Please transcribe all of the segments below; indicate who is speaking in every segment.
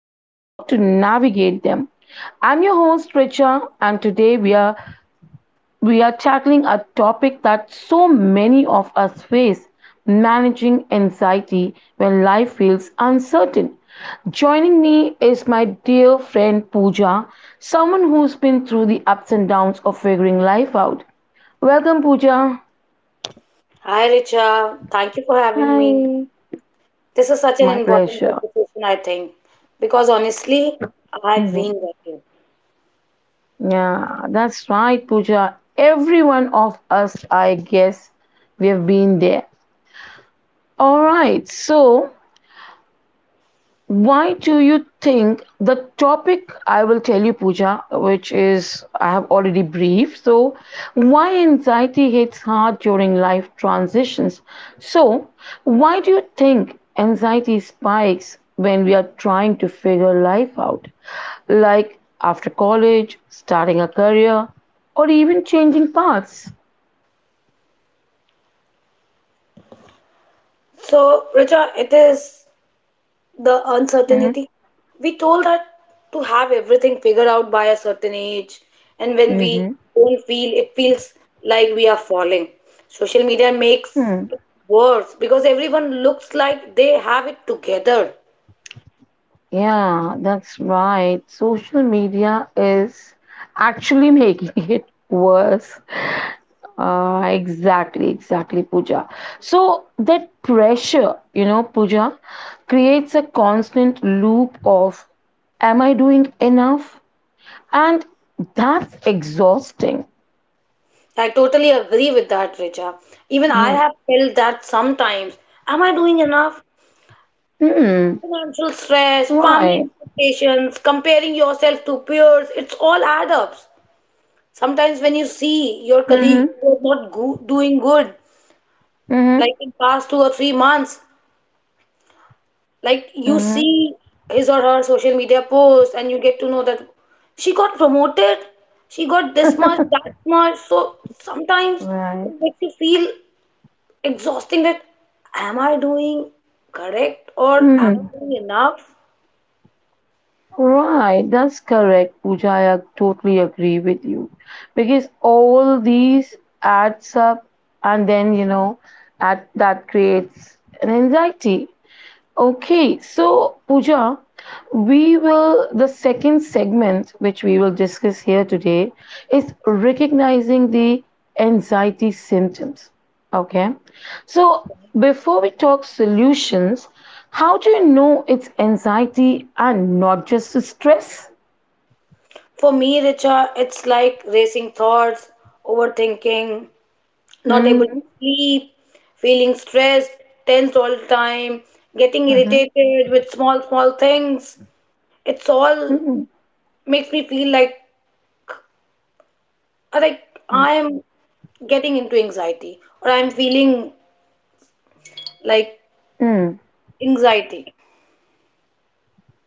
Speaker 1: and how to navigate them. I'm your host Richa and today we are tackling a topic that so many of us face, managing anxiety when life feels uncertain. Joining me is my dear friend Pooja, someone who's been through the ups and downs of figuring life out. Welcome, Pooja.
Speaker 2: Hi, Richa. Thank you for having me.
Speaker 1: Hi.
Speaker 2: This is such an
Speaker 1: My
Speaker 2: important
Speaker 1: pleasure.
Speaker 2: conversation, I think, because honestly, I've been working.
Speaker 1: Yeah, that's right, Pooja. Every one of us, I guess, we have been there. All right, so why do you think the topic I will tell you, Pooja, which is I have already briefed, so why anxiety hits hard during life transitions? So, why do you think anxiety spikes when we are trying to figure life out? Like after college, starting a career, or even changing paths?
Speaker 2: So, Richa, it is the uncertainty. We told that to have everything figured out by a certain age, and when we
Speaker 1: Mm-hmm.
Speaker 2: don't feel, it feels like we are falling. Social media makes
Speaker 1: Mm-hmm.
Speaker 2: it worse because everyone looks like they have it together.
Speaker 1: Yeah, that's right. Social media is actually making it worse. Exactly, exactly, Pooja. So that pressure, you know, Pooja, creates a constant loop of am I doing enough? And that's exhausting.
Speaker 2: I totally agree with that, Richa. Even I
Speaker 1: Hmm.
Speaker 2: have felt that sometimes. Am I doing enough?
Speaker 1: Hmm.
Speaker 2: Financial stress, family
Speaker 1: Right.
Speaker 2: expectations, comparing yourself to peers, it's all add ups. Sometimes when you see your colleague
Speaker 1: Mm-hmm.
Speaker 2: who is not doing good,
Speaker 1: Mm-hmm.
Speaker 2: like in past 2 or 3 months, like you
Speaker 1: Mm-hmm.
Speaker 2: see his or her social media post and you get to know that she got promoted, she got this much, that much. So sometimes
Speaker 1: Right.
Speaker 2: it makes you feel exhausting that am I doing correct or am
Speaker 1: Mm-hmm.
Speaker 2: I doing enough?
Speaker 1: Right, that's correct, Pooja. I totally agree with you because all these adds up, and then you know, at that creates an anxiety. Okay, so Pooja, we will, the second segment which we will discuss here today is recognizing the anxiety symptoms. Okay, so before we talk solutions, how do you know it's anxiety and not just stress?
Speaker 2: For me, Richa, it's like racing thoughts, overthinking, not able to
Speaker 1: Mm-hmm.
Speaker 2: sleep, feeling stressed, tense all the time, getting
Speaker 1: Mm-hmm.
Speaker 2: irritated with small, small things. It's all
Speaker 1: Mm-hmm. Mm-hmm.
Speaker 2: makes me feel like I'm getting into anxiety or I'm feeling like
Speaker 1: Mm-hmm.
Speaker 2: anxiety.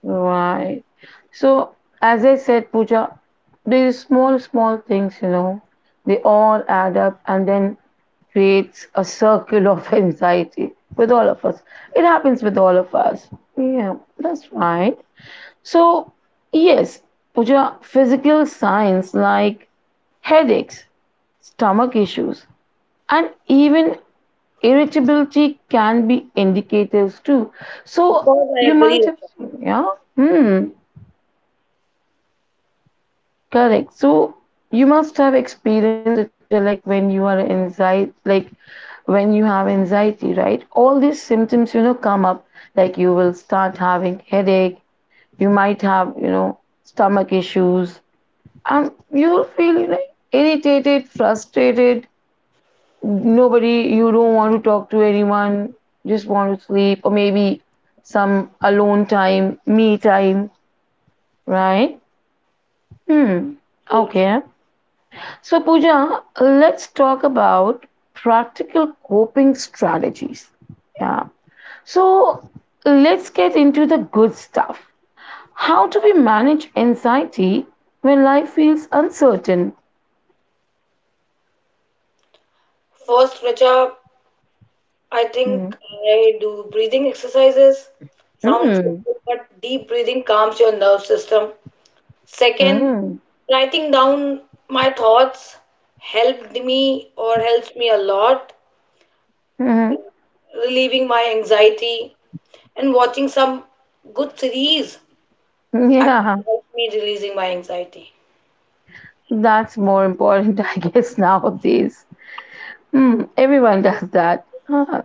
Speaker 1: Right. So, as I said, Pooja, these small, small things, you know, they all add up and then creates a circle of anxiety with all of us. It happens with all of us. Yeah, that's right. So, yes, Pooja, physical signs like headaches, stomach issues, and even irritability can be indicators too.
Speaker 2: Of
Speaker 1: So,
Speaker 2: course, I
Speaker 1: you
Speaker 2: agree
Speaker 1: might have,
Speaker 2: with
Speaker 1: seen, yeah. Hmm. Correct. So you must have experienced it, Pooja, like when you are anxiety, like when you have anxiety, right? All these symptoms, you know, come up. Like you will start having headache. You might have, you know, stomach issues, and you'll feel you know, irritated, frustrated. Nobody, you don't want to talk to anyone. Just want to sleep, or maybe some alone time, me time, right? Hmm.
Speaker 2: you. Absolutely.
Speaker 1: Okay. So, Pooja, let's talk about practical coping strategies. Yeah. So, let's get into the good stuff. How do we manage anxiety when life feels uncertain?
Speaker 2: First, Richa, I
Speaker 1: Mm.
Speaker 2: think I do breathing exercises. Sounds
Speaker 1: Mm.
Speaker 2: simple, but deep breathing calms your nerve system. Second,
Speaker 1: Mm.
Speaker 2: writing down my thoughts helped me or helps me a lot,
Speaker 1: Mm.
Speaker 2: relieving my anxiety, and watching some good series actually
Speaker 1: Yeah,
Speaker 2: helps me releasing my anxiety.
Speaker 1: that's more important, I guess, nowadays. Mm. Everyone does that. Ah,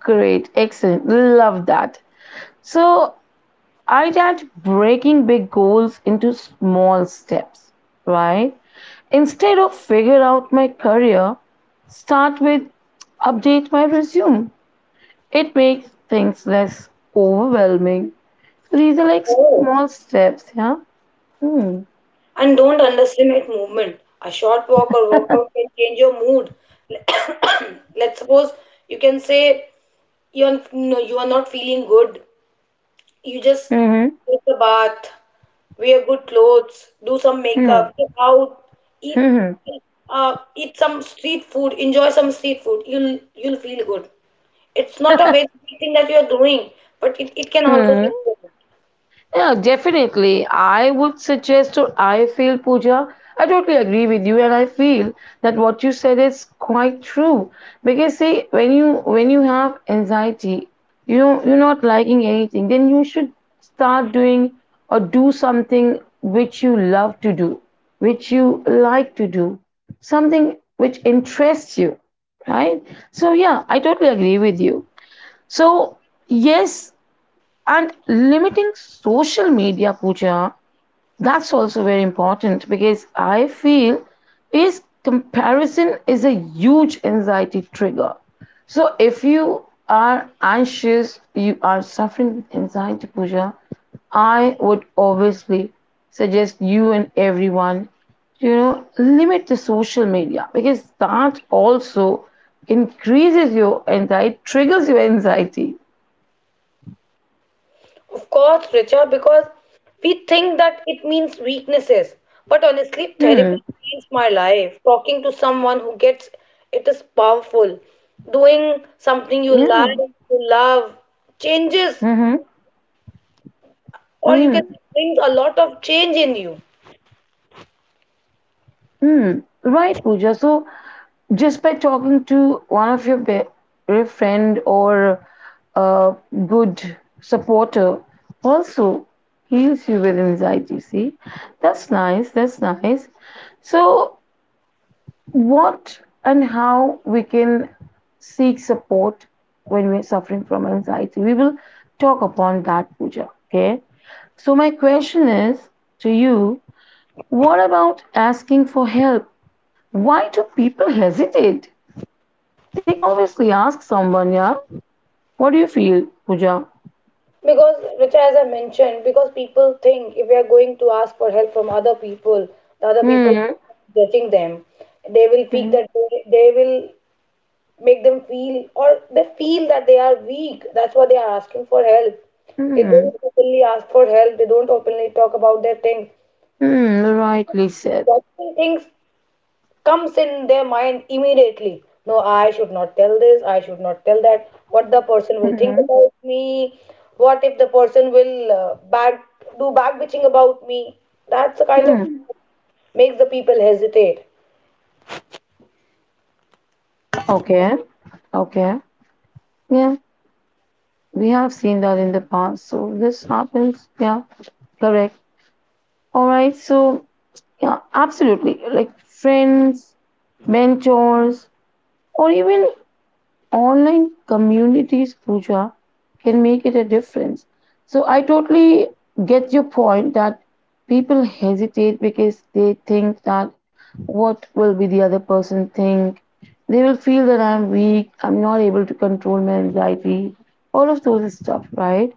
Speaker 1: great. Excellent. Love that. So, I tried breaking big goals into small steps, right? Instead of figure out my career, start with update my resume. It makes things less overwhelming. So these are
Speaker 2: Of
Speaker 1: like
Speaker 2: course.
Speaker 1: small steps, yeah? Hmm.
Speaker 2: And don't underestimate movement. A short walk or workout can change your mood. Let's suppose you can say you are not feeling good. You just
Speaker 1: Mm-hmm.
Speaker 2: take a bath, wear good clothes, do some
Speaker 1: Hmm.
Speaker 2: makeup, get out, eat
Speaker 1: Hmm.
Speaker 2: eat some street food, enjoy some street food. You'll feel good. It's not a wasted thing that you're doing, but it can also
Speaker 1: Hmm.
Speaker 2: feel good.
Speaker 1: Yeah, definitely. I would suggest or I feel, Pooja, I totally agree with you, and I feel that what you said is quite true. Because see, when you have anxiety, you know you're not liking anything, then you should start doing or do something which you love to do, which you like to do, something which interests you, right? So yeah, I totally agree with you. So yes, and limiting social media, Pooja, that's also very important because I feel is comparison is a huge anxiety trigger. So if you are anxious, you are suffering with anxiety, Pooja, I would obviously suggest you and everyone, you know, limit the social media because that also increases your anxiety, triggers your anxiety.
Speaker 2: Of course, Richa, because we think that it means weaknesses. But honestly, therapy
Speaker 1: Hmm.
Speaker 2: changed my life. Talking to someone who gets it is powerful. Doing something you
Speaker 1: Yeah.
Speaker 2: like, you love, changes,
Speaker 1: Mm-hmm.
Speaker 2: or you can
Speaker 1: Mm,
Speaker 2: say brings a lot of change in you.
Speaker 1: mm. Right, Pooja. So just by talking to one of your better friend or a good supporter also heals you with anxiety. See, that's nice. That's nice. So what and how we can seek support when we're suffering from anxiety? We will talk upon that, Pooja. Okay. So my question is to you: what about asking for help? Why do people hesitate? They can obviously ask someone, yeah. What do you feel, Pooja?
Speaker 2: Because, Richa, as I mentioned, because people think if we are going to ask for help from other people, the other people will
Speaker 1: Hmm.
Speaker 2: be judging them. They will think
Speaker 1: Hmm.
Speaker 2: that they will make them feel, or they feel that they are weak, that's why they are asking for help. They
Speaker 1: Hmm.
Speaker 2: don't openly ask for help. They don't openly talk about their things.
Speaker 1: Hmm. Rightly said.
Speaker 2: Certain things comes in their mind immediately. No, I should not tell this, I should not tell that. What the person will think
Speaker 1: Hmm.
Speaker 2: about me? What if the person will back do back bitching about me? That's the kind of
Speaker 1: Hmm.
Speaker 2: makes the people hesitate.
Speaker 1: Okay. Okay. Yeah. We have seen that in the past. So this happens. Yeah. Correct. All right. So, yeah, absolutely. Like friends, mentors, or even online communities, Pooja, can make it a difference. So I totally get your point that people hesitate because they think that what will be the other person think. They will feel that I'm weak, I'm not able to control my anxiety, all of those stuff, right?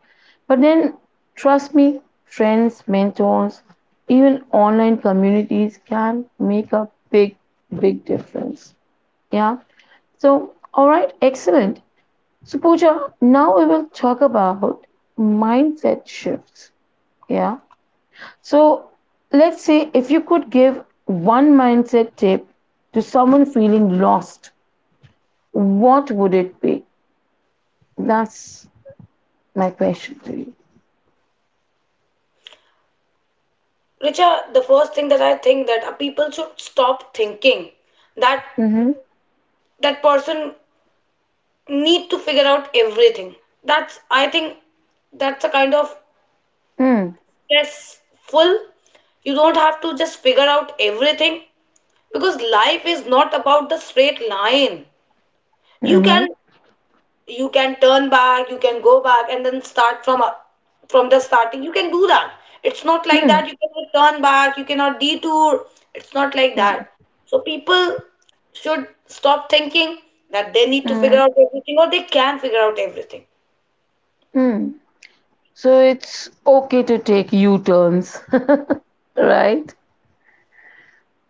Speaker 1: But then trust me, friends, mentors, even online communities can make a big, big difference. Yeah. So, all right, excellent. So, Pooja, now we will talk about mindset shifts. Yeah. So, let's say if you could give one mindset tip to someone feeling lost, what would it be? That's my question to you.
Speaker 2: Richa, the first thing that I think that people should stop thinking that
Speaker 1: Mm-hmm.
Speaker 2: that person need to figure out everything. That's I think that's a kind of
Speaker 1: Mm,
Speaker 2: stressful. You don't have to just figure out everything because life is not about the straight line. You
Speaker 1: mm-hmm.
Speaker 2: can you can turn back, you can go back and then start from the starting. You can do that. It's not like
Speaker 1: Mm,
Speaker 2: that. You cannot turn back, you cannot detour. It's not like
Speaker 1: mm,
Speaker 2: that. So people should stop thinking that they need to figure
Speaker 1: mm,
Speaker 2: out everything or they can figure out everything.
Speaker 1: mm. So, it's okay to take U turns, right?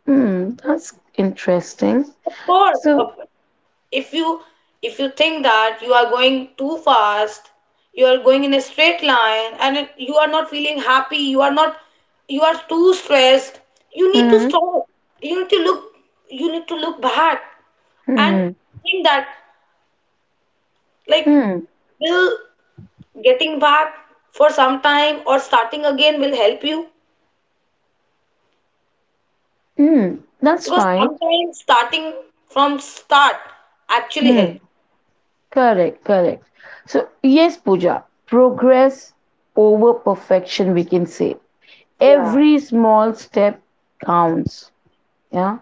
Speaker 1: Mm, that's interesting.
Speaker 2: Of course,
Speaker 1: So,
Speaker 2: of- if you think that you are going too fast, you are going in a straight line, and you are not feeling happy, you are not, you are too stressed. You need to
Speaker 1: mm-hmm.
Speaker 2: stop. You need to look. You need to look back and think that like
Speaker 1: Hmm.
Speaker 2: will getting back for some time or starting again will help you,
Speaker 1: Hmm. That's
Speaker 2: because
Speaker 1: right.
Speaker 2: sometimes starting from start actually help.
Speaker 1: Hmm. Correct, correct. So, yes, Pooja, progress over perfection, we can say.
Speaker 2: Yeah.
Speaker 1: Every small step counts. Yeah,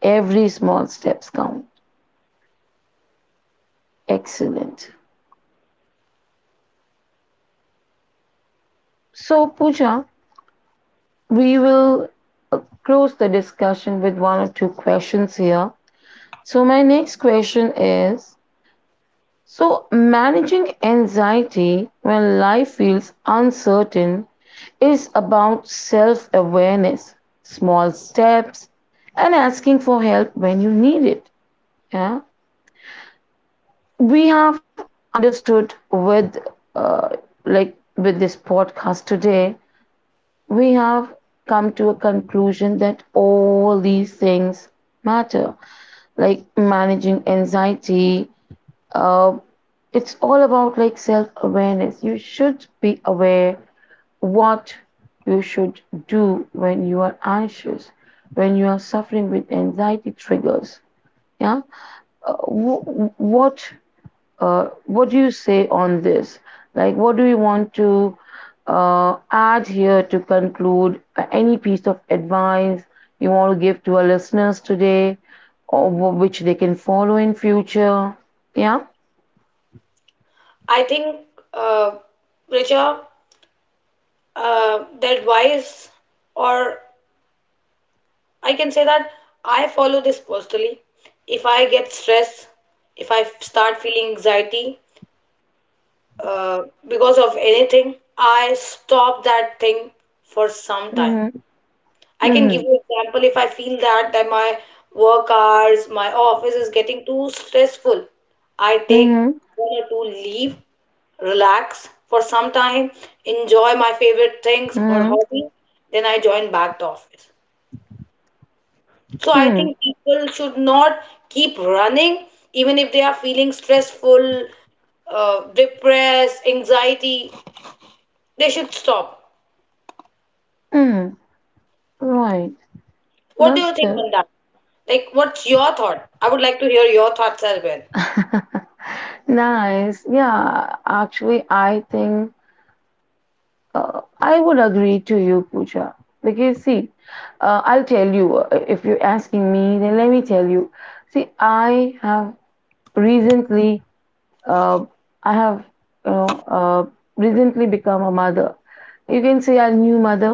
Speaker 1: every small steps count. Excellent. So, Pooja, we will uh, close the discussion with one or two questions here. So, my next question is: so, managing anxiety when life feels uncertain is about self awareness, small steps, and asking for help when you need it. Yeah, we have understood with uh, like with this podcast today, we have come to a conclusion that all these things matter, like managing anxiety, uh, it's all about like self-awareness. You should be aware what you should do when you are anxious, when you are suffering with anxiety triggers, yeah. uh, wh- what what do you say on this, like what do you want to add here to conclude? Any piece of advice you want to give to our listeners today or which they can follow in future, yeah?
Speaker 2: I think, uh, Richa, that wise, or I can say that I follow this personally. If I get stressed, if I start feeling anxiety uh, because of anything, I stop that thing for some time.
Speaker 1: Mm-hmm.
Speaker 2: I can give
Speaker 1: Mm-hmm.
Speaker 2: you example if I feel that my work hours, my office is getting too stressful. I take
Speaker 1: Mm-hmm.
Speaker 2: one or two leave, relax for some time, enjoy my favorite things or
Speaker 1: Mm-hmm.
Speaker 2: hobby, then I join back the office. So I
Speaker 1: Mm.
Speaker 2: think people should not keep running even if they are feeling stressful, depressed, anxiety. They should stop.
Speaker 1: Mm. Right.
Speaker 2: What do
Speaker 1: That's
Speaker 2: you think on
Speaker 1: good.
Speaker 2: that? Like, what's your thought? I would like to hear your thoughts as well.
Speaker 1: Nice. Yeah. Actually, I think I would agree to you, Pooja. Because, see, I'll tell you if you're asking me, then let me tell you. See, recently Uh, I have, you know, uh, recently become a mother. You can say a new mother.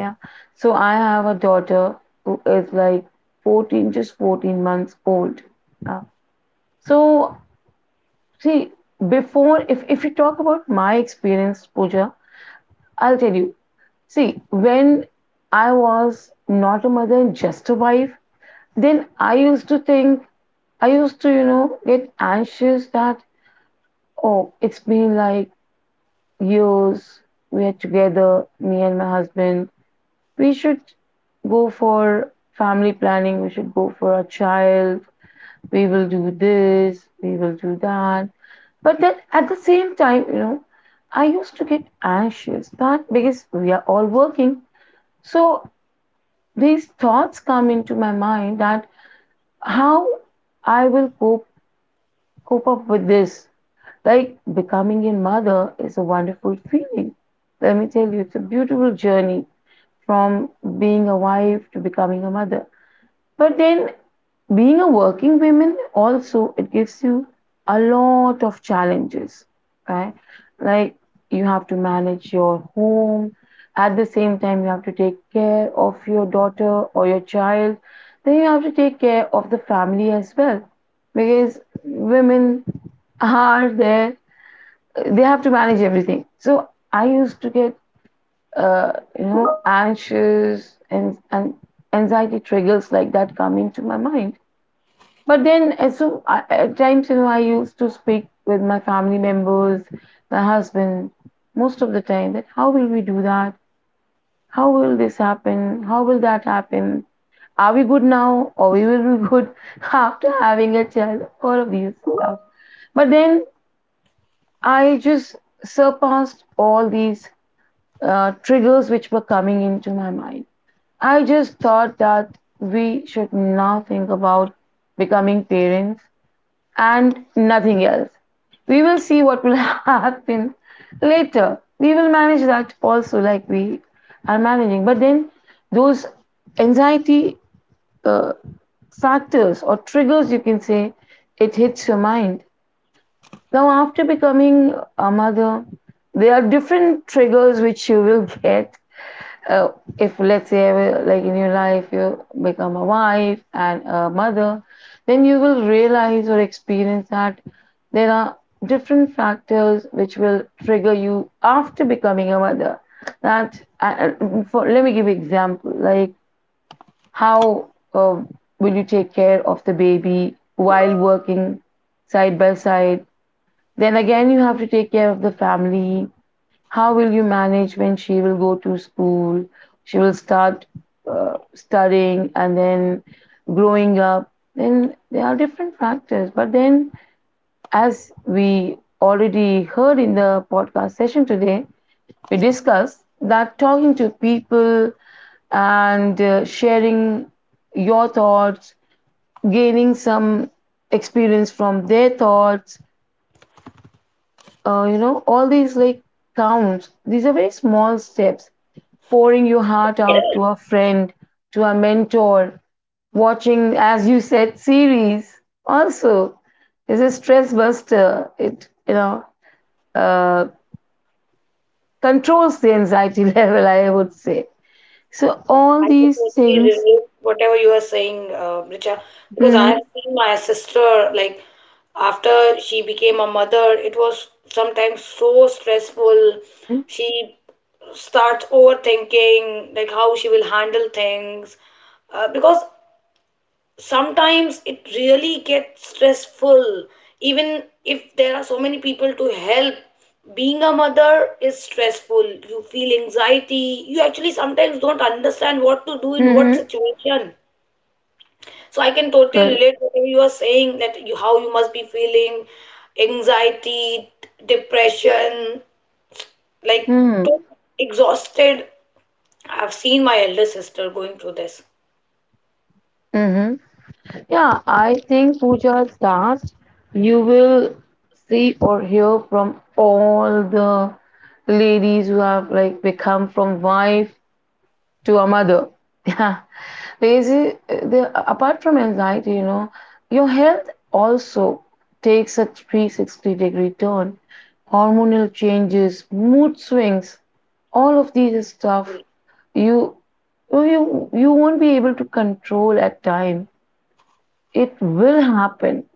Speaker 1: Yeah. So I have a daughter who is like 14, just 14 months old. Yeah. So see, before, if you talk about my experience, Pooja, I'll tell you. See, when I was not a mother and just a wife, then I used to, you know, get anxious that, oh, it's been like years we're together, me and my husband. We should go for family planning, we should go for a child, we will do this, we will do that. But then at the same time, you know, I used to get anxious that because we are all working. So these thoughts come into my mind that how I will cope up with this. Like becoming a mother is a wonderful feeling. Let me tell you, it's a beautiful journey from being a wife to becoming a mother. But then being a working woman also it gives you a lot of challenges, right? Like you have to manage your home. At the same time you have to take care of your daughter or your child. Then you have to take care of the family as well because women are there, they have to manage everything. So I used to get uh, anxious, and anxiety triggers like that come into my mind. But then so I, at times I used to speak with my family members, my husband, most of the time that how will we do that? How will this happen? How will that happen? Are we good now or we will be good after having a child? All of these stuff. But then I just surpassed all these triggers which were coming into my mind. I just thought that we should now think about becoming parents and nothing else. We will see what will happen later. We will manage that also, like we are managing. But then, those anxiety uh, factors or triggers, you can say, it hits your mind. Now, after becoming a mother, there are different triggers which you will get, uh, if let's say like in your life you become a wife and a mother, then you will realize or experience that there are different factors which will trigger you after becoming a mother, that let me give you example like how will you take care of the baby while working side by side, then again you have to take care of the family. How will you manage when she will go to school? She will start studying and then growing up. Then there are different factors. But then, as we already heard in the podcast session today, we discussed that talking to people and sharing your thoughts, gaining some experience from their thoughts. All these like counts. These are very small steps, pouring your heart out to a friend, to a mentor, watching, as you said, series also is a stress buster. It, uh, controls the anxiety level, I would say. So all
Speaker 2: I can
Speaker 1: these
Speaker 2: totally
Speaker 1: things.
Speaker 2: relate whatever you are saying, Richa, because I
Speaker 1: Mm-hmm.
Speaker 2: have seen my sister like after she became a mother, it was sometimes so stressful.
Speaker 1: Mm-hmm.
Speaker 2: She starts overthinking like how she will handle things, because sometimes it really gets stressful even if there are so many people to help. Being a mother is stressful. You feel anxiety. You actually sometimes don't understand what to do in what
Speaker 1: Mm-hmm.
Speaker 2: situation. So I can totally
Speaker 1: Correct.
Speaker 2: relate to what you are saying, that you how you must be feeling anxiety, depression, like
Speaker 1: Mm-hmm.
Speaker 2: exhausted. I've seen my elder sister going through this.
Speaker 1: Mm-hmm. Yeah, I think Pooja starts. You will see or hear from all the ladies who have like become from wife to a mother. Yeah, because the, apart from anxiety, your health also takes a 360-degree turn. Hormonal changes, mood swings, all of these stuff you you won't be able to control at time. It will happen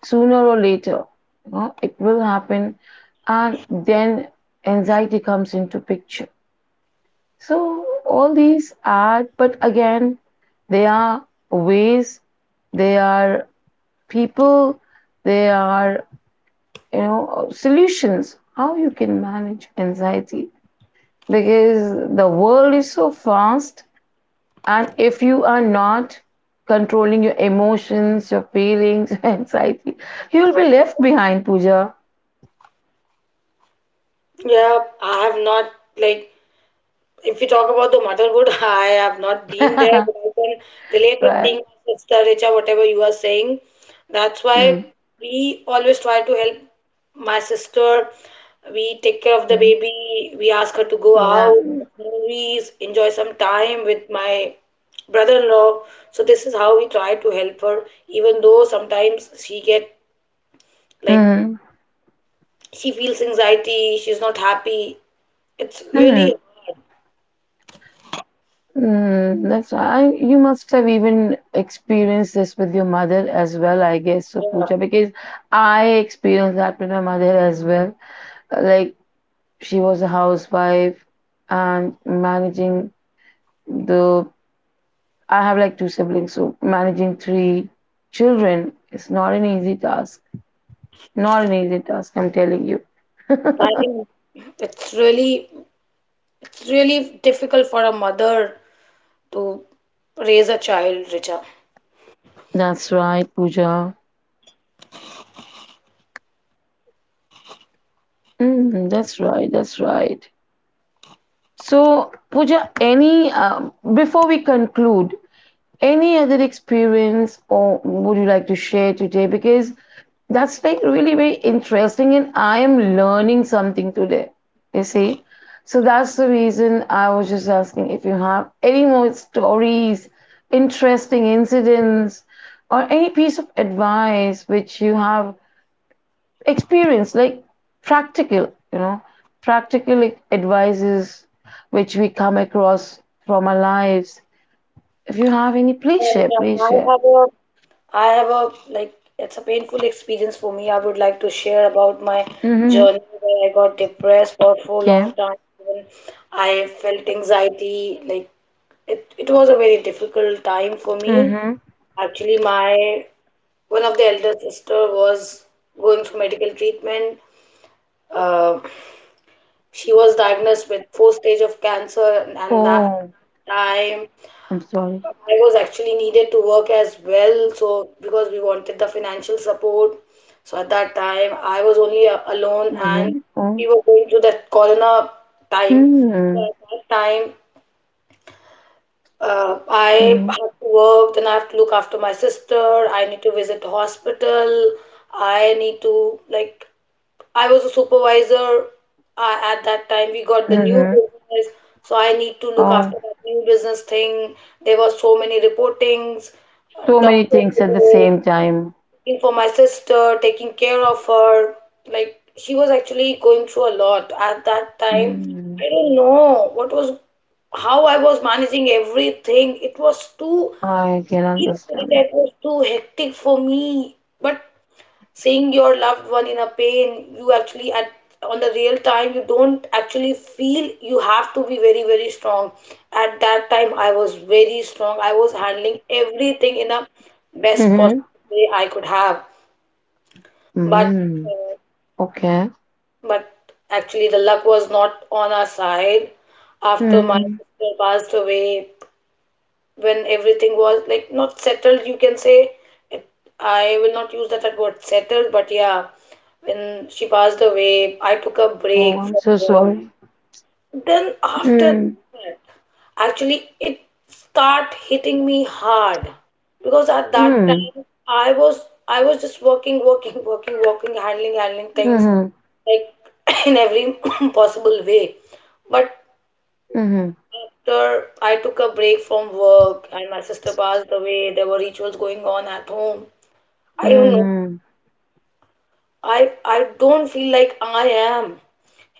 Speaker 1: sooner or later. You know, it will happen, and then anxiety comes into picture. So all these are, but again, they are ways, they are people, they are, solutions how you can manage anxiety, because the world is so fast. And if you are not controlling your emotions, your feelings, anxiety, you will be left behind, Pooja.
Speaker 2: Yeah, I have not like if we talk about the motherhood, I have not been there,
Speaker 1: Right?
Speaker 2: but I can relate with things, Sister Richa, whatever you are saying. That's why
Speaker 1: Mm,
Speaker 2: we always try to help my sister. We take care of the
Speaker 1: mm,
Speaker 2: baby. We ask her to go out,
Speaker 1: exactly.
Speaker 2: movies, enjoy some time with my brother-in-law. So this is how we try to help her, even though sometimes she get like
Speaker 1: Mm,
Speaker 2: she feels anxiety, she's not happy. It's really,
Speaker 1: mm, mm, that's why I, you must have even experienced this with your mother as well, I guess, so
Speaker 2: yeah,
Speaker 1: Pooja, because I experienced that with my mother as well. Like, she was a housewife and managing the, I have like two siblings, so managing three children is not an easy task. Not an easy task, I'm telling you.
Speaker 2: I think it's really It's really difficult for a mother to raise a child, Richa.
Speaker 1: That's right, Pooja. Mm, that's right, that's right. So, Pooja, before we conclude, any other experience or would you like to share today? Because that's like really very interesting, and I am learning something today. You see, so that's the reason I was just asking if you have any more stories, interesting incidents, or any piece of advice which you have experienced, like practical, practical advices which we come across from our lives. If you have any, please
Speaker 2: And,
Speaker 1: share, please share.
Speaker 2: I have a like it's a painful experience for me. I would like to share about my
Speaker 1: Mhm.
Speaker 2: journey where I got depressed for a
Speaker 1: Okay.
Speaker 2: long time. Even I felt anxiety. Like it was a very difficult time for me.
Speaker 1: Mhm.
Speaker 2: Actually, my one of the elder sister was going through medical treatment. Uh, She was diagnosed with fourth stage of cancer, and that
Speaker 1: Oh,
Speaker 2: time
Speaker 1: I'm sorry.
Speaker 2: I was actually needed to work as well. So because we wanted the financial support, so at that time I was only alone, and
Speaker 1: Mhm. Oh.
Speaker 2: we were going through that corona time. So
Speaker 1: Mm.
Speaker 2: at that time, I
Speaker 1: Mhm.
Speaker 2: have to work, then I have to look after my sister. I need to visit the hospital. I need to like I was a supervisor, at that time. We got the new
Speaker 1: Mhm.
Speaker 2: business, so I need to look
Speaker 1: Oh,
Speaker 2: after that new business thing. There were so many reportings,
Speaker 1: so many
Speaker 2: doctor,
Speaker 1: things at the same time.
Speaker 2: looking for my sister, taking care of her. Like she was actually going through a lot at that time.
Speaker 1: Mm.
Speaker 2: I don't know what was how I was managing everything. It was too
Speaker 1: I can
Speaker 2: seriously,
Speaker 1: understand it.
Speaker 2: it was too hectic for me. But seeing your loved one in a pain you actually at on the real time you don't actually feel. You have to be very very strong. At that time I was very strong, I was handling everything in the best
Speaker 1: Mhm.
Speaker 2: possible way I could have. But
Speaker 1: Mhm.
Speaker 2: uh,
Speaker 1: Okay.
Speaker 2: but actually the luck was not on our side. After my
Speaker 1: Mm.
Speaker 2: sister passed away, when everything was like not settled, you can say, it, I will not use that word settled, but yeah, when she passed away I took a
Speaker 1: Oh,
Speaker 2: break
Speaker 1: I'm
Speaker 2: from
Speaker 1: so
Speaker 2: work.
Speaker 1: sorry.
Speaker 2: Then after
Speaker 1: Mm.
Speaker 2: that actually it start hitting me hard, because at that
Speaker 1: Mm.
Speaker 2: time I was just working working working working, handling handling things,
Speaker 1: Mhm.
Speaker 2: like in every possible way. But
Speaker 1: Mhm.
Speaker 2: after I took a break from work and my sister passed away, there were rituals going on at home. I don't know.
Speaker 1: Mhm.
Speaker 2: I don't feel like I am.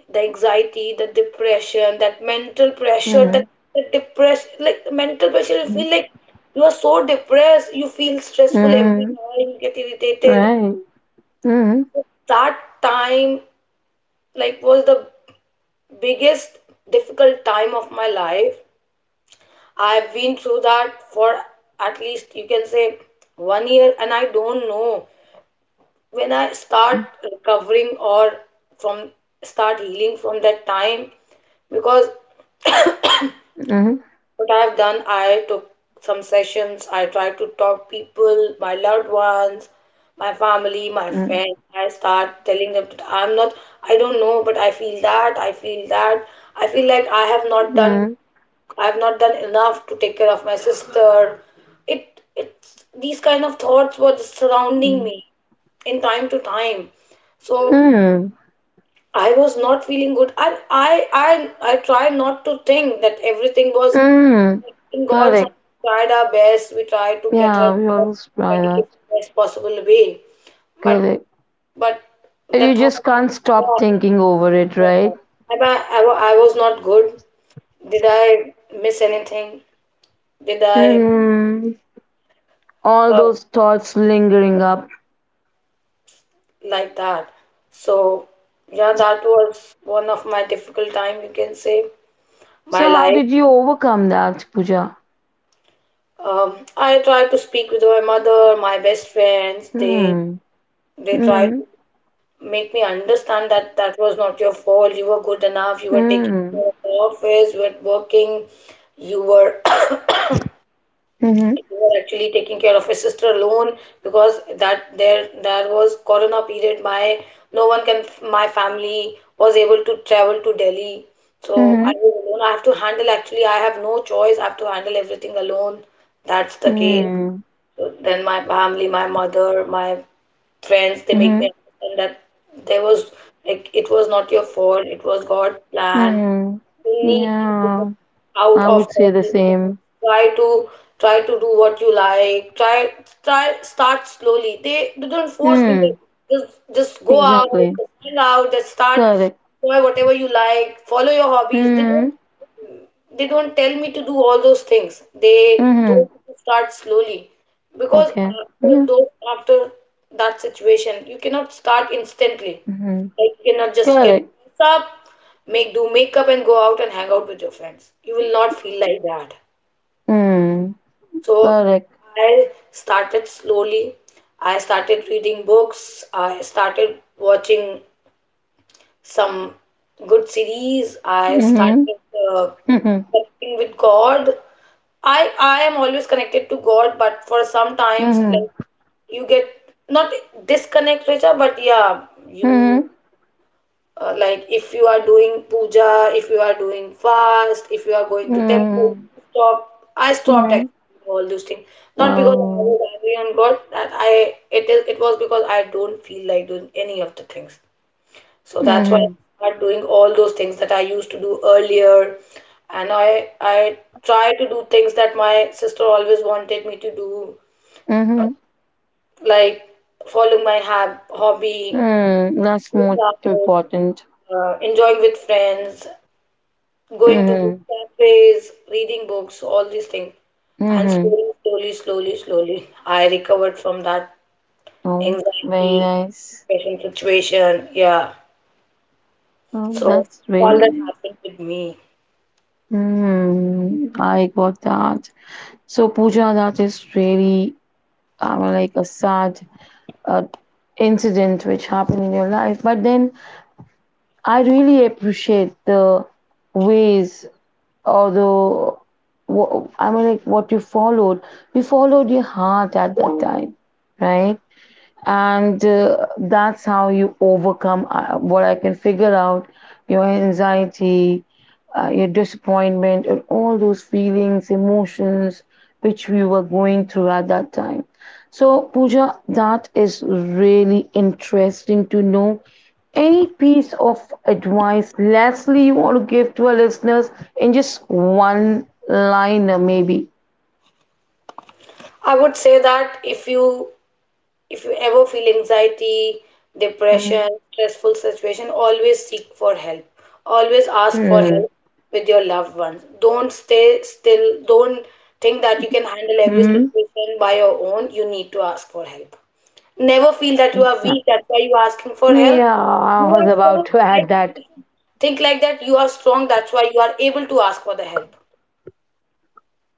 Speaker 2: The anxiety, the depression, that mental pressure,
Speaker 1: Mhm.
Speaker 2: that the depression, like the mental pressure, you
Speaker 1: Mhm.
Speaker 2: feel like you are so depressed, you feel stressful every
Speaker 1: Mhm.
Speaker 2: time, you get irritated.
Speaker 1: Right. Mhm.
Speaker 2: That time, like, was the biggest difficult time of my life. I've been through that for at least you can say one year, and I don't know when I start
Speaker 1: Mhm.
Speaker 2: recovering or from start healing from that time, because
Speaker 1: Mhm.
Speaker 2: what I've done, I took some sessions, I tried to talk people, my loved ones, my family, my friends. I start telling them that I'm not, I don't know, but I feel like
Speaker 1: Mhm.
Speaker 2: I've not done enough to take care of my sister. It's these kind of thoughts were just surrounding me in time to time. So
Speaker 1: Mhm.
Speaker 2: I was not feeling good. I try not to think that everything was
Speaker 1: Mm,
Speaker 2: in God's hands.
Speaker 1: correct.
Speaker 2: We tried our best. We tried to get her
Speaker 1: Yeah, we
Speaker 2: best
Speaker 1: always try
Speaker 2: medication,
Speaker 1: that.
Speaker 2: best possible way. But
Speaker 1: Correct.
Speaker 2: but the
Speaker 1: You
Speaker 2: thought,
Speaker 1: just can't stop
Speaker 2: yeah,
Speaker 1: thinking over it,
Speaker 2: yeah,
Speaker 1: right?
Speaker 2: Am I wa- I was not good. Did I miss anything? Did I?
Speaker 1: Hmm. All
Speaker 2: uh,
Speaker 1: those thoughts lingering up.
Speaker 2: like that. So yeah, that was one of my difficult time, you can say, my
Speaker 1: So how
Speaker 2: life.
Speaker 1: did you overcome that, Pooja?
Speaker 2: I try to speak with my mother, my best friends. They
Speaker 1: Hmm.
Speaker 2: they try
Speaker 1: Hmm.
Speaker 2: to make me understand that that was not your fault. You were good enough. You were taking
Speaker 1: Hmm.
Speaker 2: care of the office. You were working. You were
Speaker 1: Hmm.
Speaker 2: we were actually taking care of his sister alone, because that there was corona period, my no one can my family was able to travel to Delhi. So I
Speaker 1: Hmm.
Speaker 2: was alone. I have to handle, actually, I have no choice. I have to handle everything alone, that's the case.
Speaker 1: Hmm.
Speaker 2: So then my family, my mother, my friends, they make
Speaker 1: Hmm.
Speaker 2: me understand that there was like it was not your fault, it was God's plan,
Speaker 1: Hmm.
Speaker 2: need to get
Speaker 1: Yeah,
Speaker 2: out
Speaker 1: I
Speaker 2: of
Speaker 1: would say
Speaker 2: all
Speaker 1: the
Speaker 2: these things.
Speaker 1: same.
Speaker 2: Try to try to do what you like. Try start slowly. They don't force me. They
Speaker 1: Hmm.
Speaker 2: just go out,
Speaker 1: Exactly.
Speaker 2: just find out, just start,
Speaker 1: Correct.
Speaker 2: try whatever you like. Follow your hobbies. They don't
Speaker 1: Hmm.
Speaker 2: they don't tell me to do all those things. They
Speaker 1: Hmm.
Speaker 2: told me to start slowly, because
Speaker 1: Okay. Yeah.
Speaker 2: after that situation, you cannot start instantly.
Speaker 1: Hmm.
Speaker 2: Like you cannot just get
Speaker 1: Correct.
Speaker 2: up, make do makeup and go out and hang out with your friends. You will not feel like that.
Speaker 1: Mm,
Speaker 2: So
Speaker 1: correct.
Speaker 2: I started slowly. I started reading books. I started watching some good series. I
Speaker 1: Mhm.
Speaker 2: started uh,
Speaker 1: Mhm.
Speaker 2: connecting with God. I am always connected to God, but for sometimes
Speaker 1: Mhm.
Speaker 2: like you get not disconnect, Richa, but yeah, you
Speaker 1: Mhm.
Speaker 2: like if you are doing puja, if you are doing fast, if you are going to temple,
Speaker 1: Mhm.
Speaker 2: stop. I stopped
Speaker 1: Mhm.
Speaker 2: actually doing all those things. Not because I
Speaker 1: Oh.
Speaker 2: was angry on God. That I it is it was because I don't feel like doing any of the things. So that's why I
Speaker 1: Mhm.
Speaker 2: started doing all those things that I used to do earlier, and I try to do things that my sister always wanted me to do,
Speaker 1: Mhm.
Speaker 2: like following my hab hobby,
Speaker 1: Mm, that's
Speaker 2: going
Speaker 1: more
Speaker 2: out,
Speaker 1: important.
Speaker 2: enjoying with friends, going to book
Speaker 1: Mhm.
Speaker 2: cafes, reading books, all these things. And
Speaker 1: Mhm.
Speaker 2: slowly, slowly, slowly, slowly, I recovered from that
Speaker 1: Oh, very
Speaker 2: anxiety,
Speaker 1: nice.
Speaker 2: depression situation. Yeah.
Speaker 1: Oh,
Speaker 2: So
Speaker 1: that's very
Speaker 2: all that
Speaker 1: nice.
Speaker 2: happened with me.
Speaker 1: Mm, I got that. So, Pooja, that is really like a sad uh, incident which happened in your life. But then I really appreciate the ways. Although, wha I mean, like what you followed your heart at that time, right? And that's how you overcome, what I can figure out, your anxiety, your disappointment and all those feelings, emotions, which we were going through at that time. So Puja, that is really interesting to know. Any piece of advice lastly you want to give to our listeners, in just one liner maybe?
Speaker 2: I would say that if you ever feel anxiety, depression,
Speaker 1: Mm-hmm.
Speaker 2: stressful situation, always seek for help. Always ask for help with your loved ones. Don't stay still. Don't think that you can handle every
Speaker 1: Mm-hmm.
Speaker 2: situation by your own. You need to ask for help. Never feel that you are weak.
Speaker 1: Exactly.
Speaker 2: That's why you are asking for help.
Speaker 1: Yeah, I
Speaker 2: You
Speaker 1: was
Speaker 2: are
Speaker 1: about
Speaker 2: strong.
Speaker 1: to
Speaker 2: I
Speaker 1: add
Speaker 2: think
Speaker 1: that.
Speaker 2: you should think like that. You are strong. That's why you are able to ask for the help.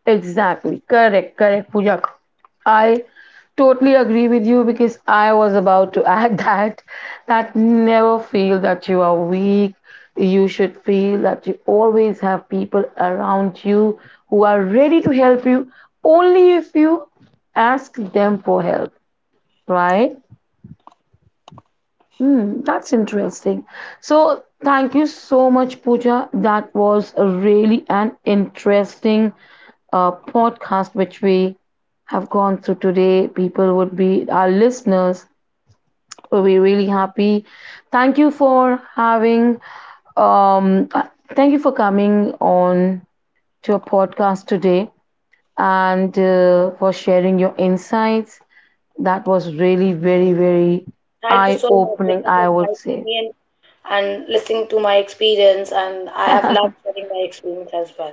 Speaker 1: Exactly. Correct, correct, Pooja. I totally agree with you because I was about to add that. That never feel that you are weak. You should feel that you always have people around you who are ready to help you, only if you ask them for help, right? Hmm, that's interesting. So, thank you so much, Pooja. That was really an interesting podcast which we have gone through today. People would be, our listeners will be really happy. Thank you for having, um, uh, thank you for coming on to a podcast today, and for sharing your insights. That was really, very, very
Speaker 2: Thank you
Speaker 1: eye
Speaker 2: so much,
Speaker 1: opening,
Speaker 2: Richa, for
Speaker 1: I would
Speaker 2: inviting
Speaker 1: say.
Speaker 2: me in and listening to my experience. And I have loved sharing my experience as well.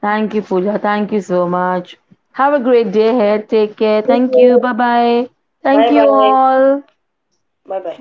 Speaker 1: Thank you, Pooja. Thank you so much. Have a great day ahead. Take care.
Speaker 2: Thank
Speaker 1: Thank you.
Speaker 2: you.
Speaker 1: Bye bye. Thank
Speaker 2: Bye
Speaker 1: you
Speaker 2: bye.
Speaker 1: all.
Speaker 2: Bye bye.